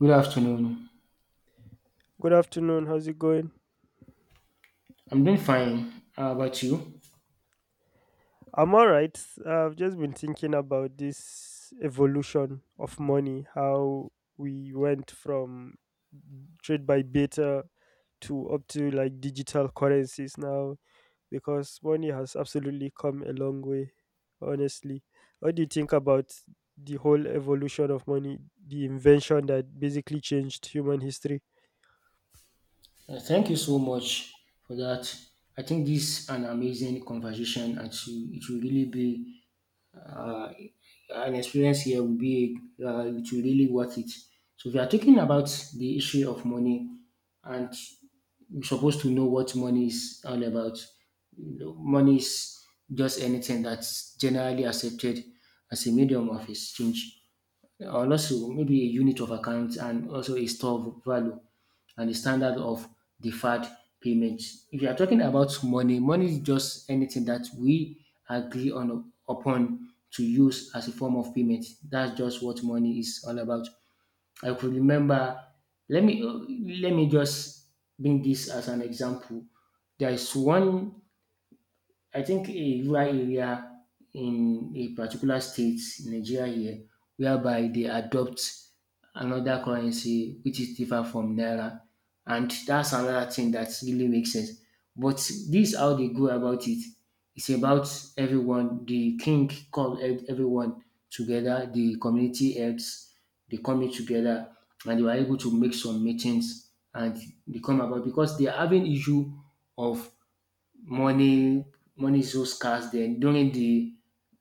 Good afternoon. Good afternoon. How's it going? I'm doing fine. How about you? I'm all right. I've just been thinking about this evolution of money, how we went from trade by beta to up to like digital currencies now, because money has absolutely come a long way, honestly. What do you think about the whole evolution of money, the invention that basically changed human history? Thank you so much for that. I think this is an amazing conversation, and it will really be uh, an experience here. Will be it will really worth it. So we are talking about the issue of money, and you're supposed to know what money is all about. You know, money is just anything that's generally accepted as a medium of exchange, and also maybe a unit of account, and also a store of value and the standard of deferred payments. If you are talking about money, money is just anything that we agree on upon to use as a form of payment. That's just what money is all about. I could remember. Let me let me just bring this as an example. There is one, I think, a rural area in a particular state, Nigeria here, whereby they adopt another currency which is different from naira, and that's another thing that really makes sense. But this how they go about it. It's about everyone. The king called everyone together. The community heads, they come in together and they were able to make some meetings, and they come about because they are having issue of money. Money is so scarce then. During the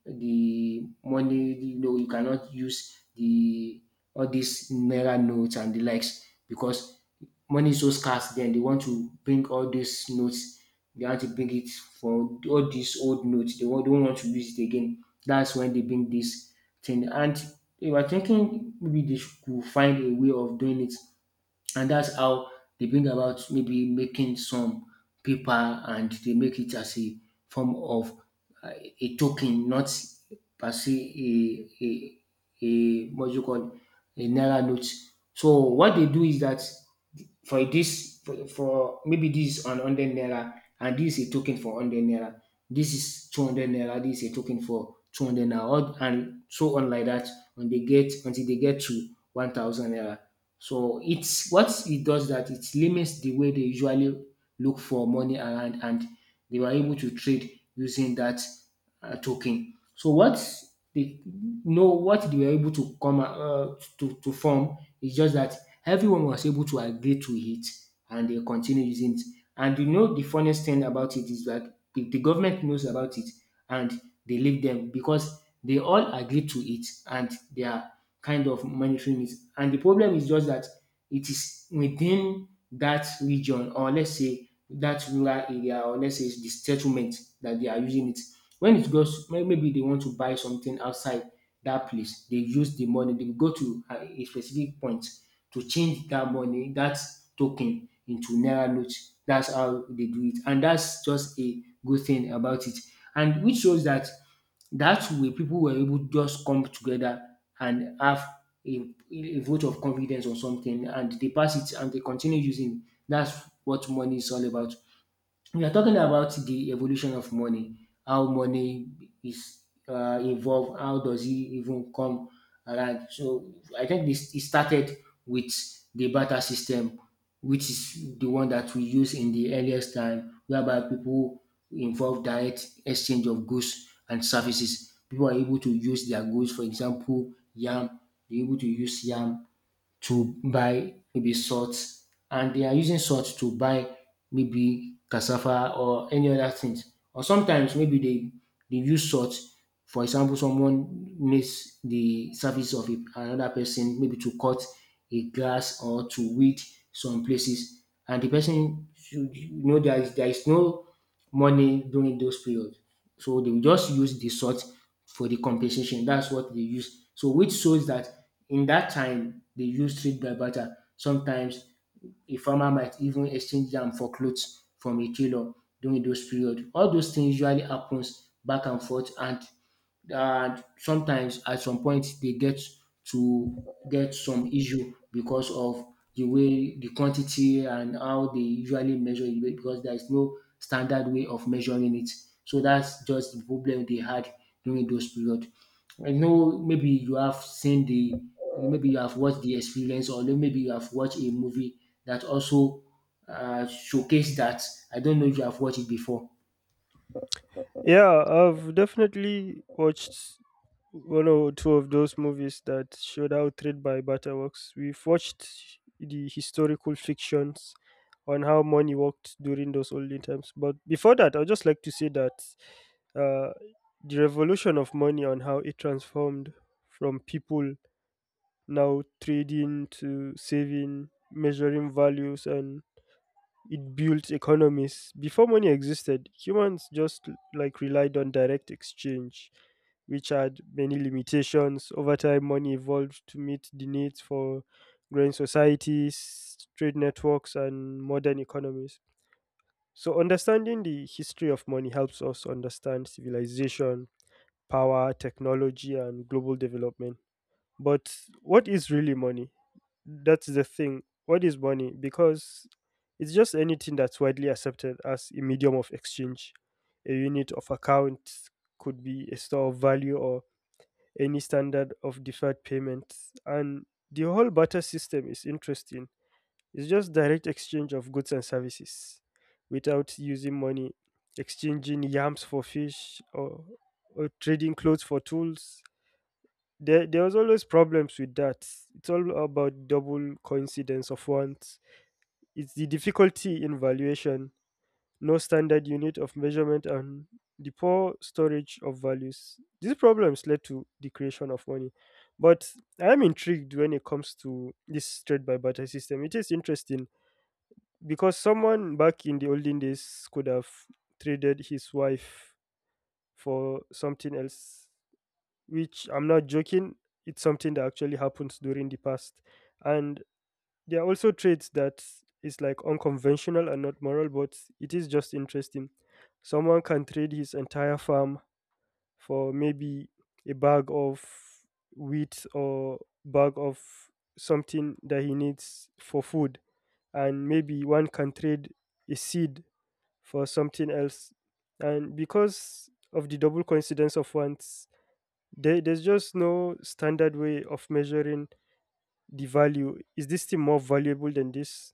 the money, you know, you cannot use the all these naira notes and the likes because money is so scarce then. They want to bring all these notes, they want to bring it for all these old notes, they don't want to use it again. That's when they bring this thing, and they were thinking maybe they should could find a way of doing it. And that's how they bring about maybe making some paper, and they make it as a form of uh, a token, not per se a what you call a naira note. So what they do is that for this for maybe this is on 100 naira, and this is a token for 100 naira. This is 200 naira, this is a token for 200 naira, and so on like that, when they get, until they get to 1000 naira. So it's what it does that it limits the way they usually look for money around, and they were able to trade using that token. So what they know, what they were able to come to form is just that everyone was able to agree to it and they continue using it. And you know the funniest thing about it is that the government knows about it, and they leave them because they all agree to it and they are kind of monitoring it. And the problem is just that it is within that region, or let's say that rural area, or let's say it's the settlement that they are using it. When it goes, maybe they want to buy something outside that place, they use the money, they go to a specific point to change that money, that token, into naira note. That's how they do it, and that's just a good thing about it. And which shows that that way people were able to just come together and have a vote of confidence or something, and they pass it and they continue using it. That's what money is all about. We are talking about the evolution of money, how money is evolved, how does it even come around. So I think this it started with the barter system, which is the one that we use in the earliest time, whereby people involve direct exchange of goods and services. People are able to use their goods, for example, yam, they're able to use yam to buy maybe salt, and they are using salt to buy maybe cassava or any other things. Or sometimes maybe they use salt. For example, someone makes the service of another person, maybe to cut a grass or to weed some places, and the person should, you know, there is no money during those periods. So they will just use the salt for the compensation. That's what they use. So which shows that in that time they used trade by barter. Sometimes a farmer might even exchange them for clothes from a tailor during those period. All those things usually happens back and forth, and sometimes at some point they get to get some issue because of the way the quantity and how they usually measure it, because there is no standard way of measuring it. So that's just the problem they had during those period. I know maybe you have seen the, maybe you have watched the experience, or maybe you have watched a movie that also showcase that. I don't know if you have watched it before. Yeah, I've definitely watched one or two of those movies that showed how trade by butter works. We've watched the historical fictions on how money worked during those olden times. But before that, I'd just like to say that uh, the revolution of money on how it transformed from people now trading to saving, measuring values, and it built economies. Before money existed, humans just like relied on direct exchange, which had many limitations. Over time, money evolved to meet the needs for growing societies, trade networks, and modern economies. So, understanding the history of money helps us understand civilization, power, technology, and global development. But what is really money? That's the thing. What is money? Because it's just anything that's widely accepted as a medium of exchange. A unit of account could be a store of value or any standard of deferred payment. And the whole barter system is interesting. It's just direct exchange of goods and services without using money, exchanging yams for fish, or trading clothes for tools, there was always problems with that. It's all about double coincidence of wants. It's the difficulty in valuation, no standard unit of measurement, and the poor storage of values. These problems led to the creation of money. But I am intrigued when it comes to this trade by barter system. It is interesting because someone back in the olden days could have traded his wife for something else, which I'm not joking, it's something that actually happens during the past. And there are also traits that is like unconventional and not moral, but it is just interesting. Someone can trade his entire farm for maybe a bag of wheat or bag of something that he needs for food. And maybe one can trade a seed for something else. And because of the double coincidence of wants, there's just no standard way of measuring the value. Is this thing more valuable than this?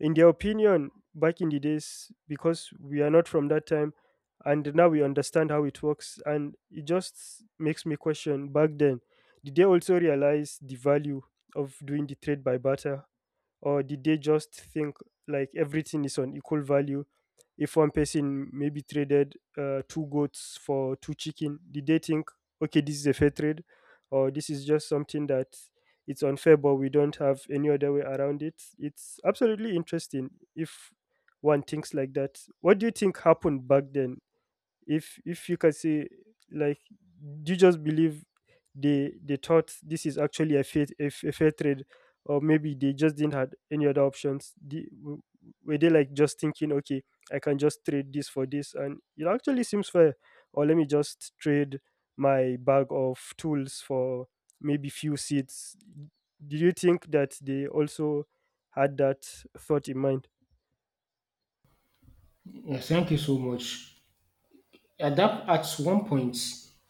In their opinion, back in the days, because we are not from that time, and now we understand how it works, and it just makes me question back then, did they also realize the value of doing the trade by barter? Or did they just think like everything is on equal value? If one person maybe traded two goats for two chicken, did they think, okay, this is a fair trade, or this is just something that it's unfair, but we don't have any other way around it? It's absolutely interesting if one thinks like that. What do you think happened back then? If you can say, like, do you just believe they thought this is actually a fair trade, or maybe they just didn't had any other options? Were they like just thinking, okay, I can just trade this for this and it actually seems fair, or let me just trade my bag of tools for maybe few seats? Do you think that they also had that thought in mind? Yeah, thank you so much. At that at one point,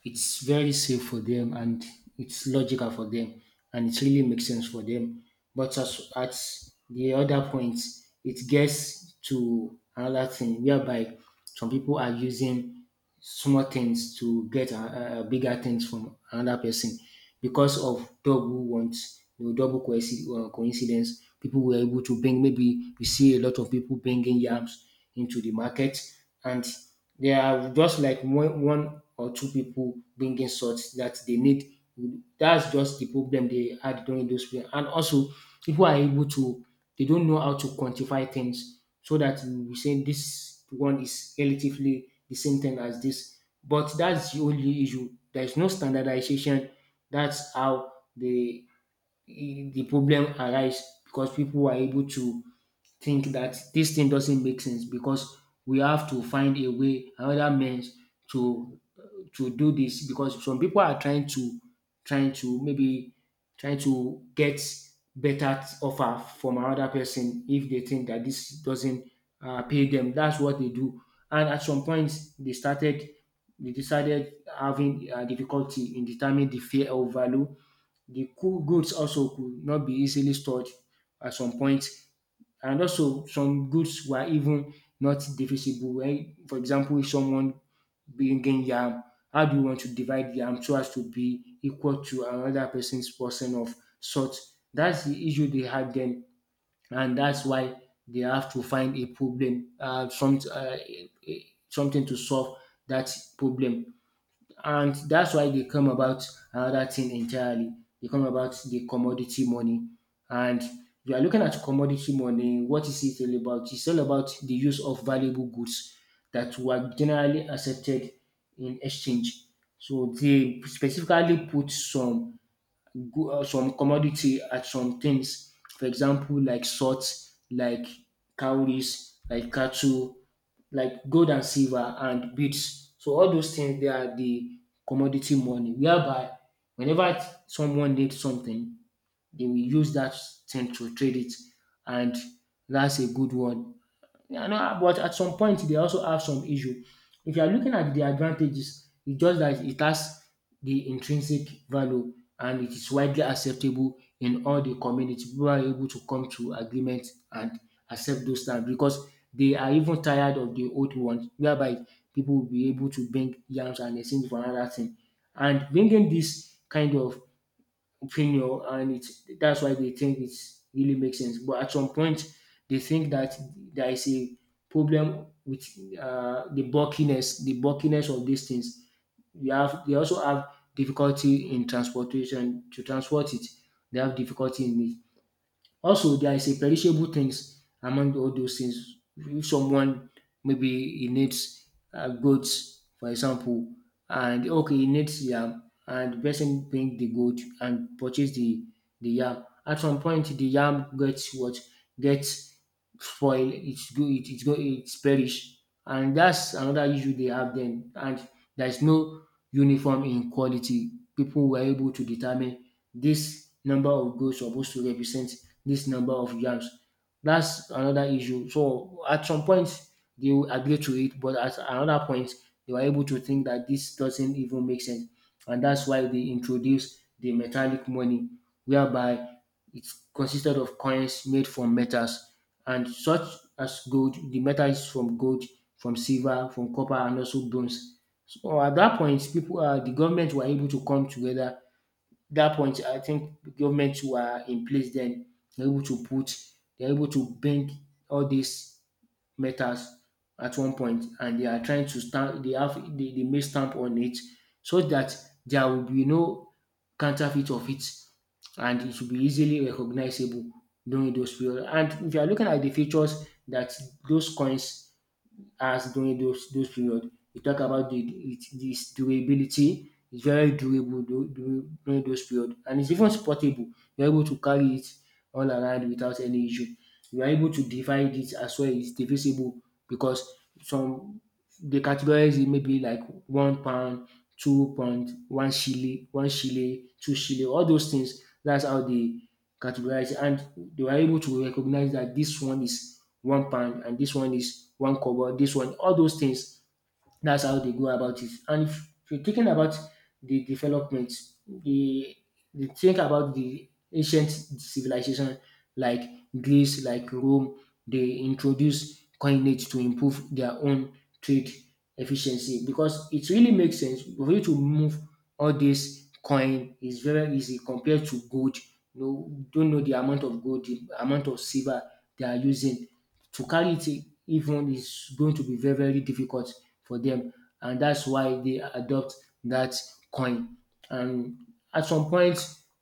it's very safe for them, and it's logical for them, and it really makes sense for them. But as at the other point, it gets to another thing whereby some people are using small things to get a bigger things from another person because of double wants, you know, double coincidence. People were able to bring, maybe we see a lot of people bringing yams into the market, and there are just like one or two people bringing salt that they need. That's just the problem they had during those period. And also, people are able to, they don't know how to quantify things so that we say this one is relatively the same thing as this. But that's the only issue. There is no standardization. That's how the problem arise, because people are able to think that this thing doesn't make sense, because we have to find a way, another means, to do this because some people are trying to, trying to maybe trying to get better offer from another person if they think that this doesn't pay them. That's what they do. And at some point, they started they decided having difficulty in determining the fair or value. The cool goods also could not be easily stored at some point, and also some goods were even not divisible. Right, for example, if someone bringing yam, how do you want to divide yam so as to be equal to another person's portion of salt? That's the issue they had then, and that's why they have to find a problem, something to solve that problem, and that's why they come about another thing entirely. They come about the commodity money, and you are looking at commodity money. What is it all about? It's all about the use of valuable goods that were generally accepted in exchange. So they specifically put some some commodity at some things. For example, like salt, like cowries, like cattle, like gold and silver and beads. So all those things, they are the commodity money, whereby whenever someone needs something, they will use that thing to trade it, and that's a good one. I know, ah, but at some point they also have some issue. If you are looking at the advantages, it's just that it has the intrinsic value, and it is widely acceptable in all the community. People are able to come to agreement and accept those terms because they are even tired of the old ones, whereby people will be able to bring yams and exchange for another thing. And bringing this kind of opinion, and it's that's why they think it really makes sense. But at some point they think that there is a problem with the bulkiness, of these things. You have, they also have difficulty in transportation, to transport it, they have difficulty in it. Also, there is a perishable things among all those things. If someone maybe he needs goats, for example, and okay, he needs yam, and the person bring the goat and purchase the yam. At some point, the yam gets what, gets spoil. It's perish, and that's another issue they have then. And there is no uniform in quality. People were able to determine this number of goats supposed to represent this number of yams. That's another issue. So at some point they will agree to it, but at another point they were able to think that this doesn't even make sense, and that's why they introduced the metallic money, whereby it consisted of coins made from metals, and such as gold. The metal is from gold, from silver, from copper, and also bronze. So at that point, people, the government were able to come together. That point, I think governments were in place then. They're able to put, they're able to bring all these metals at one point, and they are trying to stamp. They make stamp on it so that there will be no counterfeit of it, and it should be easily recognizable during those period. And if you are looking at the features that those coins has during those period. We talk about the its durability. It's very durable during those period, and it's even portable. You're able to carry it all around without any issue. You are able to divide it as well. It's divisible because some they categorize it maybe like one pound, two pound, one shilling, two shilling, all those things. That's how they categorize it. And they were able to recognize that this one is one pound and this one is one kobo, this one, all those things, that's how they go about it. And if you're thinking about the development, the they think about the ancient civilization like Greece, like Rome, they introduce coinage to improve their own trade efficiency, because it really makes sense for you to move all this coin is very easy compared to gold. You don't know the amount of gold, the amount of silver they are using to carry it even is going to be very, very difficult for them, and that's why they adopt that coin. And at some point,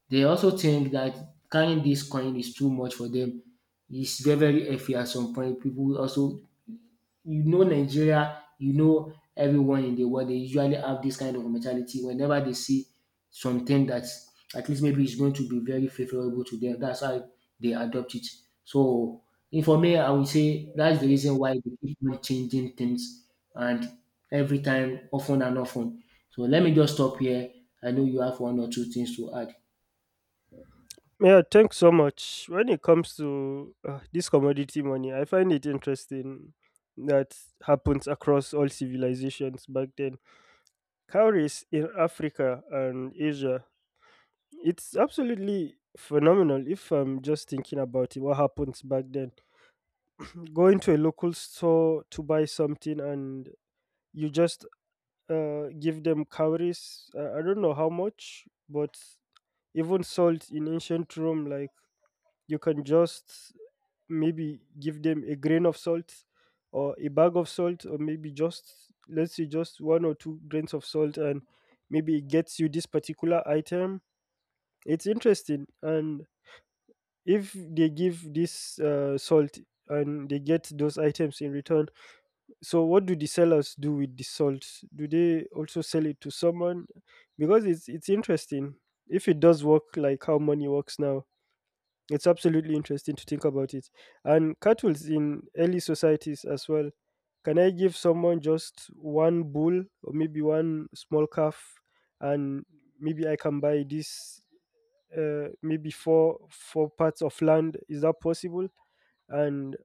they also think that carrying this coin is too much for them. It's very, very heavy at some point. People also, you know, Nigeria, you know, everyone in the world, they usually have this kind of mentality whenever they see something that at least maybe is going to be very favorable to them. That's how they adopt it. So, if for me, I would say that's the reason why they keep on changing things and every time, often and often. So, let me just stop here. I know you have one or two things to add. Yeah, thanks so much. When it comes to this commodity money, I find it interesting that happens across all civilizations back then. Cowries in Africa and Asia, it's absolutely phenomenal if I'm just thinking about it, what happens back then. Going to a local store to buy something and you just give them cowries, I don't know how much. But even salt in ancient Rome, like, you can just maybe give them a grain of salt or a bag of salt, or maybe just let's say just one or two grains of salt, and maybe it gets you this particular item. It's interesting. And if they give this salt and they get those items in return, so what do the sellers do with the salt? Do they also sell it to someone? Because it's interesting. If it does work like how money works now, it's absolutely interesting to think about it. And cattle's in early societies as well, can I give someone just one bull or maybe one small calf, and maybe I can buy this, maybe four parts of land? Is that possible? And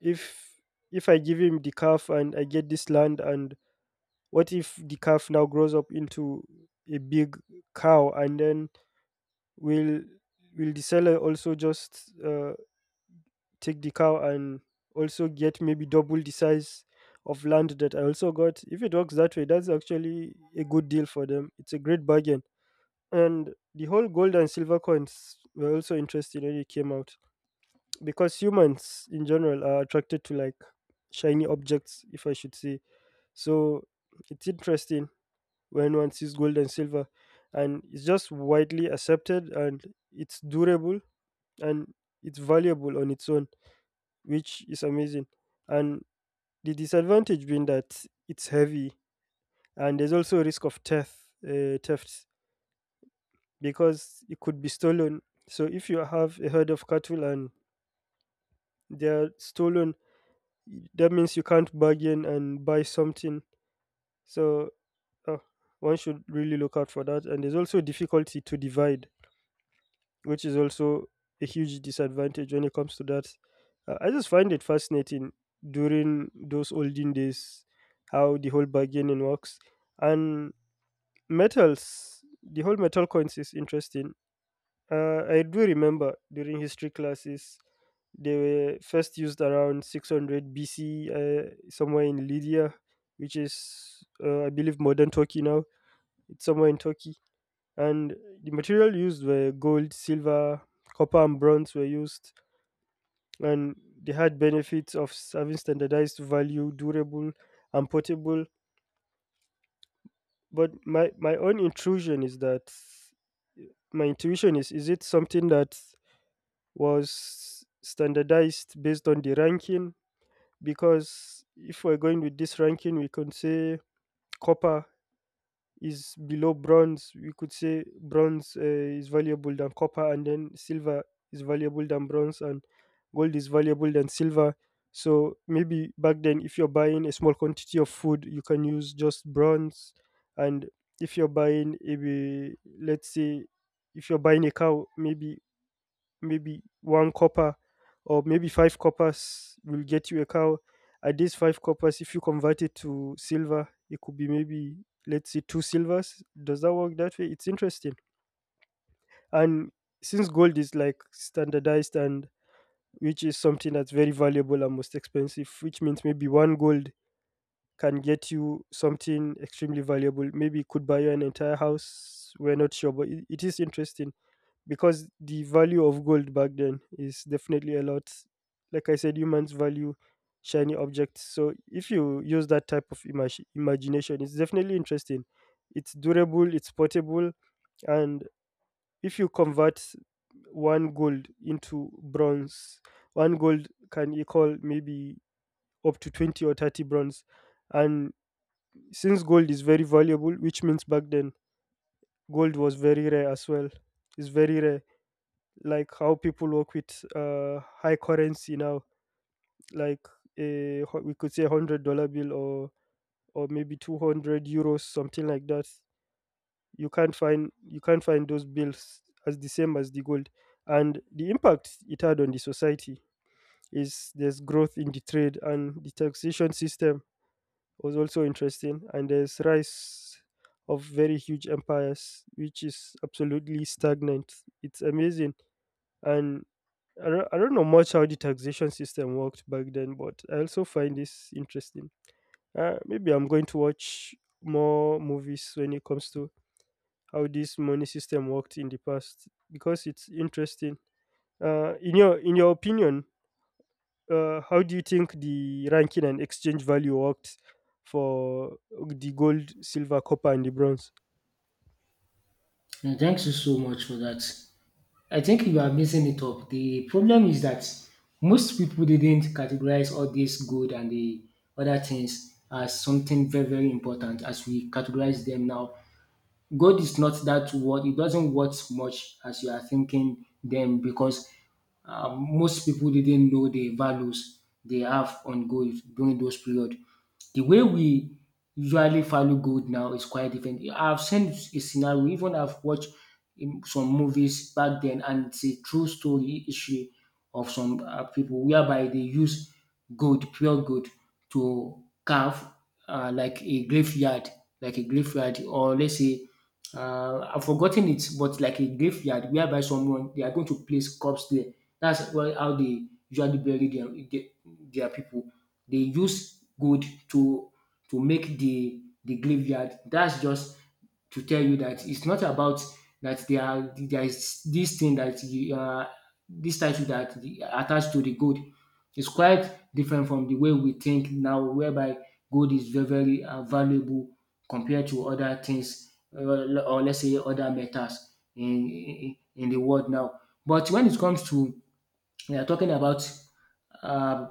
if if I give him the calf and I get this land, and what if the calf now grows up into a big cow, and then will will the seller also just take the cow and also get maybe double the size of land that I also got? If it works that way, that's actually a good deal for them. It's a great bargain. And the whole gold and silver coins were also interesting when it came out, because humans in general are attracted to like shiny objects, if I should say. So it's interesting when one sees gold and silver, and it's just widely accepted and it's durable, and it's valuable on its own, which is amazing. And the disadvantage being that it's heavy, and there's also a risk of theft, theft, because it could be stolen. So if you have a herd of cattle and they are stolen, that means you can't bargain and buy something. So, uh, one should really look out for that. And there's also difficulty to divide, which is also a huge disadvantage when it comes to that. I just find it fascinating during those olden days how the whole bargaining works. And metals, the whole metal coins is interesting. I do remember during history classes, they were first used around 600 BC, somewhere in Lydia, which is, I believe, modern Turkey now. It's somewhere in Turkey, and the material used were gold, silver, copper, and bronze were used, and they had benefits of having standardized value, durable, and portable. But my own intrusion is that my intuition is it something that was standardized based on the ranking? Because if we're going with this ranking, we can say copper is below bronze. We could say bronze, is valuable than copper, and then silver is valuable than bronze, and gold is valuable than silver. So maybe back then, if you're buying a small quantity of food, you can use just bronze. And if you're buying a, let's say, if you're buying a cow, maybe, maybe one copper or maybe five coppers will get you a cow. At these five coppers, if you convert it to silver, it could be maybe, let's say two silvers. Does that work that way? It's interesting. And since gold is like standardized and which is something that's very valuable and most expensive, which means maybe one gold can get you something extremely valuable. Maybe it could buy you an entire house. We're not sure, but it is interesting, because the value of gold back then is definitely a lot. Like I said, humans value shiny objects. So if you use that type of imagination, it's definitely interesting. It's durable, it's portable, and if you convert one gold into bronze, one gold can equal maybe up to 20 or 30 bronze. And since gold is very valuable, which means back then gold was very rare as well. It's very rare, like how people work with high currency now, like we could say $100 bill, or maybe €200, something like that. You can't find those bills as the same as the gold. And the impact it had on the society is, there's growth in the trade, and the taxation system was also interesting, and there's rise of very huge empires, which is absolutely stagnant. It's amazing. And I don't know much how the taxation system worked back then, but I also find this interesting. Maybe I'm going to watch more movies when it comes to how this money system worked in the past, because it's interesting. In your opinion, how do you think the ranking and exchange value worked for the gold, silver, copper, and the bronze? And thanks you so much for that. I think you are missing it up. The problem is that most people didn't categorize all this good and the other things as something very, very important as we categorize them now. God is not that what it doesn't worth much as you are thinking them because most people didn't know the values they have on gold during those period. The way we usually value gold now is quite different. I've seen a scenario, even I've watched in some movies back then, and it's a true story issue of some people whereby they use gold, pure gold, to carve uh, like a graveyard, like a graveyard, or let's say I've forgotten it, but like a graveyard whereby someone they are going to place corpse there. That's why how they usually bury their people. They use gold to make the graveyard. That's just to tell you that it's not about that there are there is this thing that you are this title that the, attached to the gold. Is quite different from the way we think now, whereby gold is very very valuable compared to other things or let's say other metals in the world now. But when it comes to we are talking about um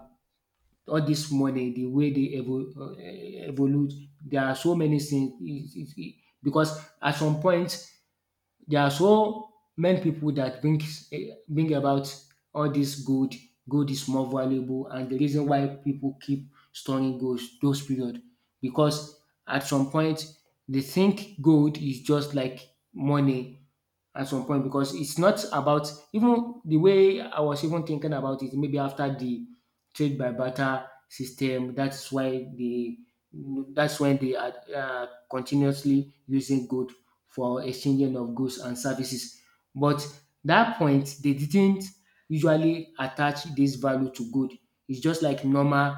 all this money, the way they evolve, there are so many things. Because at some point there are so many people that bring about all this gold. Gold is more valuable, and the reason why people keep storing gold those period because at some point they think gold is just like money at some point, because it's not about even the way I was even thinking about it, maybe after the trade by barter system, that's why they that's when they are continuously using gold for exchanging of goods and services. But that point, they didn't usually attach this value to gold. It's just like normal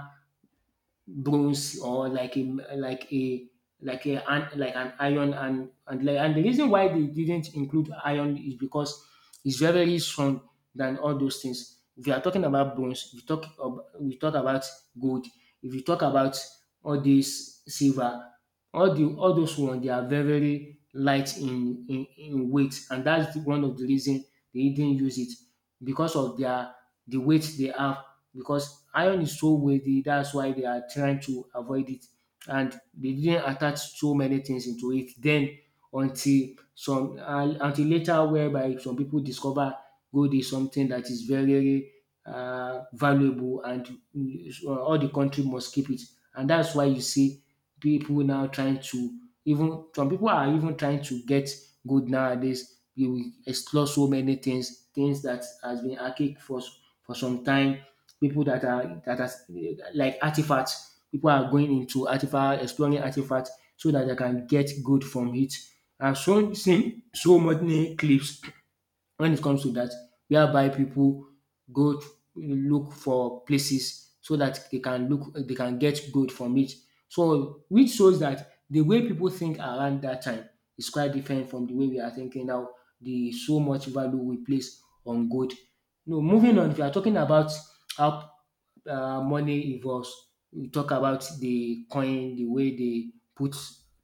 bronze or like a like a like like an iron, and like and the reason why they didn't include iron is because it's very very strong than all those things. If you are talking about bronze, we talk about gold. If you talk about all this silver, all those ones they are very very light in weight, and that's one of the reason they didn't use it because of their the weight they have, because iron is so weighty that's why they are trying to avoid it, and they didn't attach so many things into it then until some until later whereby some people discover gold is something that is very very valuable and all the country must keep it, and that's why you see people now trying to even some people are even trying to get gold nowadays. You will explore so many things, things that has been archaic for some time, people that are like artifacts. People are going into artifact, exploring artifacts so that they can get good from it. I've shown seen so many clips when it comes to that, whereby people go to look for places so that they can look they can get gold from it. So which shows that the way people think around that time is quite different from the way we are thinking now. The so much value we place on gold. No, moving on. If you are talking about how money evolves, we talk about the coin, the way they put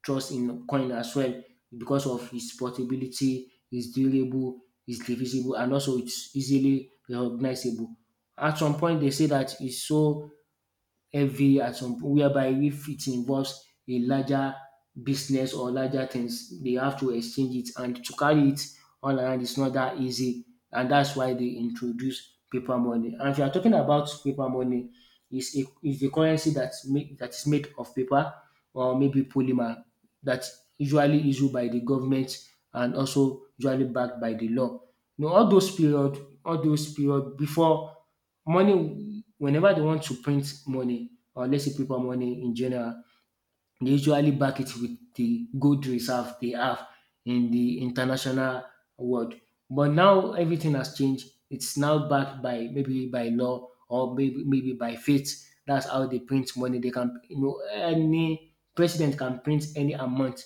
trust in coin as well because of its portability, its durable, it's divisible, and also it's easily recognizable. At some point they say that it's so heavy at some point whereby if it involves a larger business or larger things, they have to exchange it, and to carry it all around is not that easy. And that's why they introduce paper money. And if you are talking about paper money, is a currency that is made of paper or maybe polymer that usually issued by the government and also usually backed by the law. You know all those period before money, whenever they want to print money or let's say paper money in general, they usually back it with the gold reserve they have in the international world. But now everything has changed. It's now backed by maybe by law or maybe maybe by faith. That's how they print money. They can, you know, any president can print any amount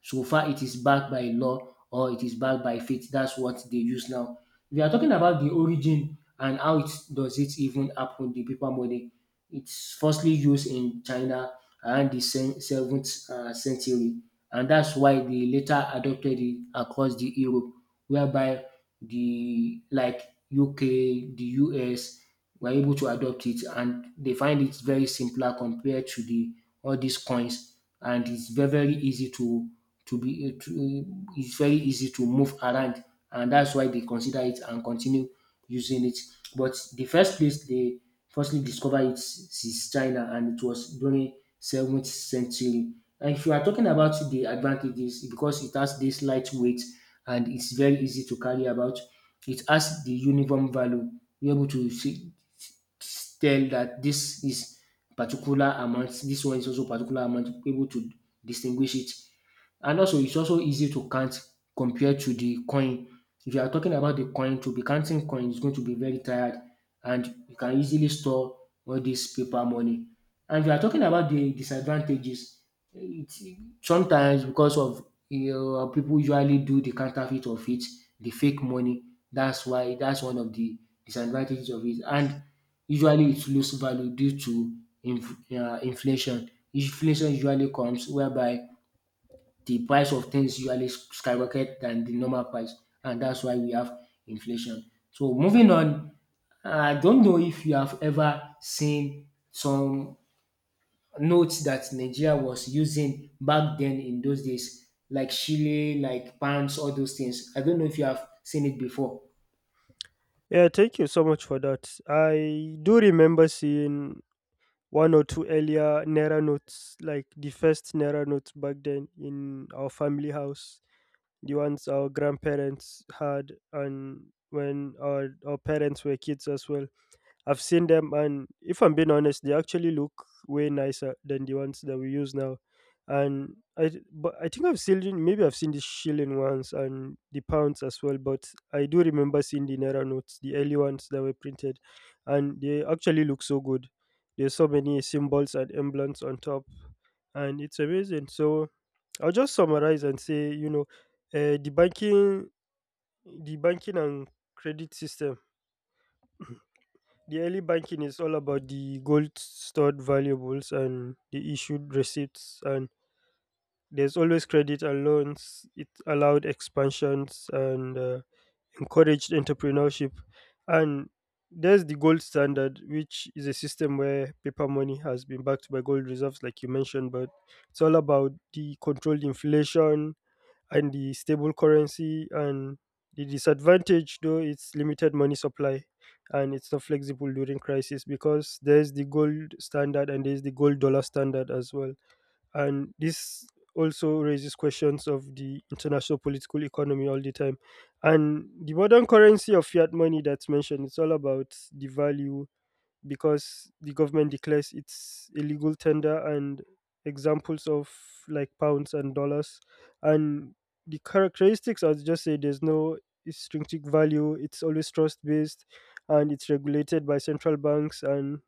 so far it is backed by law or it is backed by faith. That's what they use now. We are talking about the origin and how it does it even happen, the paper money. It's firstly used in China around the 7th century, and that's why they later adopted it across the Europe, whereby the like UK, the US were able to adopt it, and they find it very simpler compared to the all these coins, and it's very very easy to be eh, to eh, it's very easy to move around, and that's why they consider it and continue using it. But the first place they firstly discovered it is China, and it was during 7th century. And if you are talking about the advantages, because it has this lightweight and it's very easy to carry about, it has the uniform value. You're able to see, tell that this is particular amount, this one is also particular amount, able to distinguish it, and also it's also easy to count compared to the coin. If you are talking about the coin, to be counting coin is going to be very tired, and you can easily store all this paper money. And if you are talking about the disadvantages, it's sometimes because of, you know, people usually do the counterfeit of it, the fake money. That's why that's one of the disadvantages of it. And usually it lose value due to inflation. Inflation usually comes whereby the price of things usually skyrocket than the normal price, and that's why we have inflation. So moving on, I don't know if you have ever seen some notes that Nigeria was using back then in those days, like Chile, like pounds, all those things. I don't know if you have seen it before. Yeah, thank you so much for that. I do remember seeing one or two earlier Naira notes, like the first Naira notes back then in our family house, the ones our grandparents had and when our parents were kids as well. I've seen them, and if I'm being honest, they actually look way nicer than the ones that we use now. And but I think I've seen, maybe I've seen the shilling ones and the pounds as well. But I do remember seeing the naira notes, the early ones that were printed, and they actually look so good. There's so many symbols and emblems on top, and it's amazing. So I'll just summarize and say, you know, uh, the banking, the banking and credit system. The early banking is all about the gold stored valuables and the issued receipts, and there's always credit and loans. It allowed expansions and encouraged entrepreneurship, and there's the gold standard, which is a system where paper money has been backed by gold reserves, like you mentioned. But it's all about the controlled inflation, and the stable currency, and the disadvantage though, it's limited money supply, and it's not flexible during crisis, because there's the gold standard and there's the gold dollar standard as well, and this also raises questions of the international political economy all the time. And the modern currency of fiat money that's mentioned, it's all about the value, because the government declares it's illegal tender, and examples of, like, pounds and dollars. And the characteristics, I'll just say, there's no intrinsic value, it's always trust based, and it's regulated by central banks, and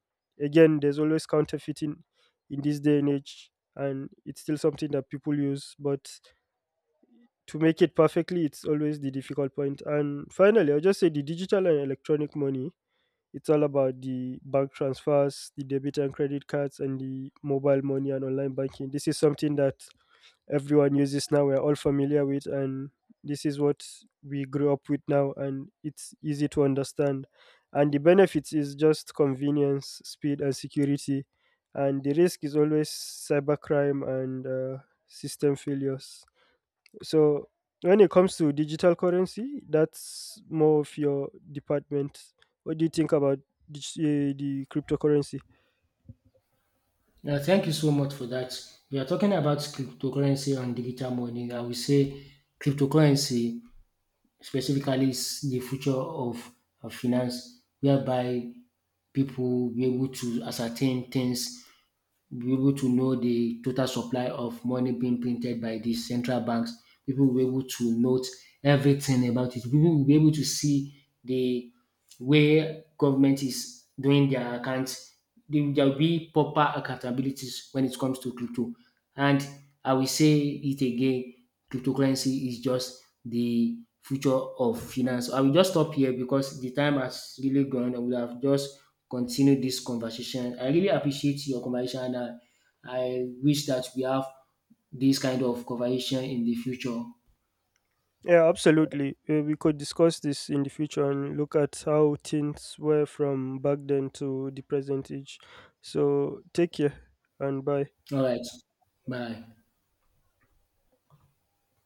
again, there's always counterfeiting in this day and age, and it's still something that people use, but to make it perfectly, it's always the difficult point. And finally, I'll just say the digital and electronic money, it's all about the bank transfers, the debit and credit cards, and the mobile money and online banking. This is something that everyone uses now. We're all familiar with, and this is what we grew up with now, and it's easy to understand. And the benefits is just convenience, speed, and security. And the risk is always cybercrime and system failures. So when it comes to digital currency, that's more of your department. What do you think about the cryptocurrency? Now, thank you so much for that. We are talking about cryptocurrency and digital money. I will say cryptocurrency specifically is the future of finance, whereby people be able to ascertain things, be able to know the total supply of money being printed by the central banks. People will be able to note everything about it. People will be able to see the where government is doing their accounts, there will be proper accountabilities when it comes to crypto. And I will say it again, cryptocurrency is just the future of finance. I will just stop here because the time has really gone. I would have just continued this conversation. I really appreciate your conversation, and I wish that we have this kind of conversation in the future. All Yeah, absolutely. We could discuss this in the future and look at how things were from back then to the present age. So take care and bye. right. Bye.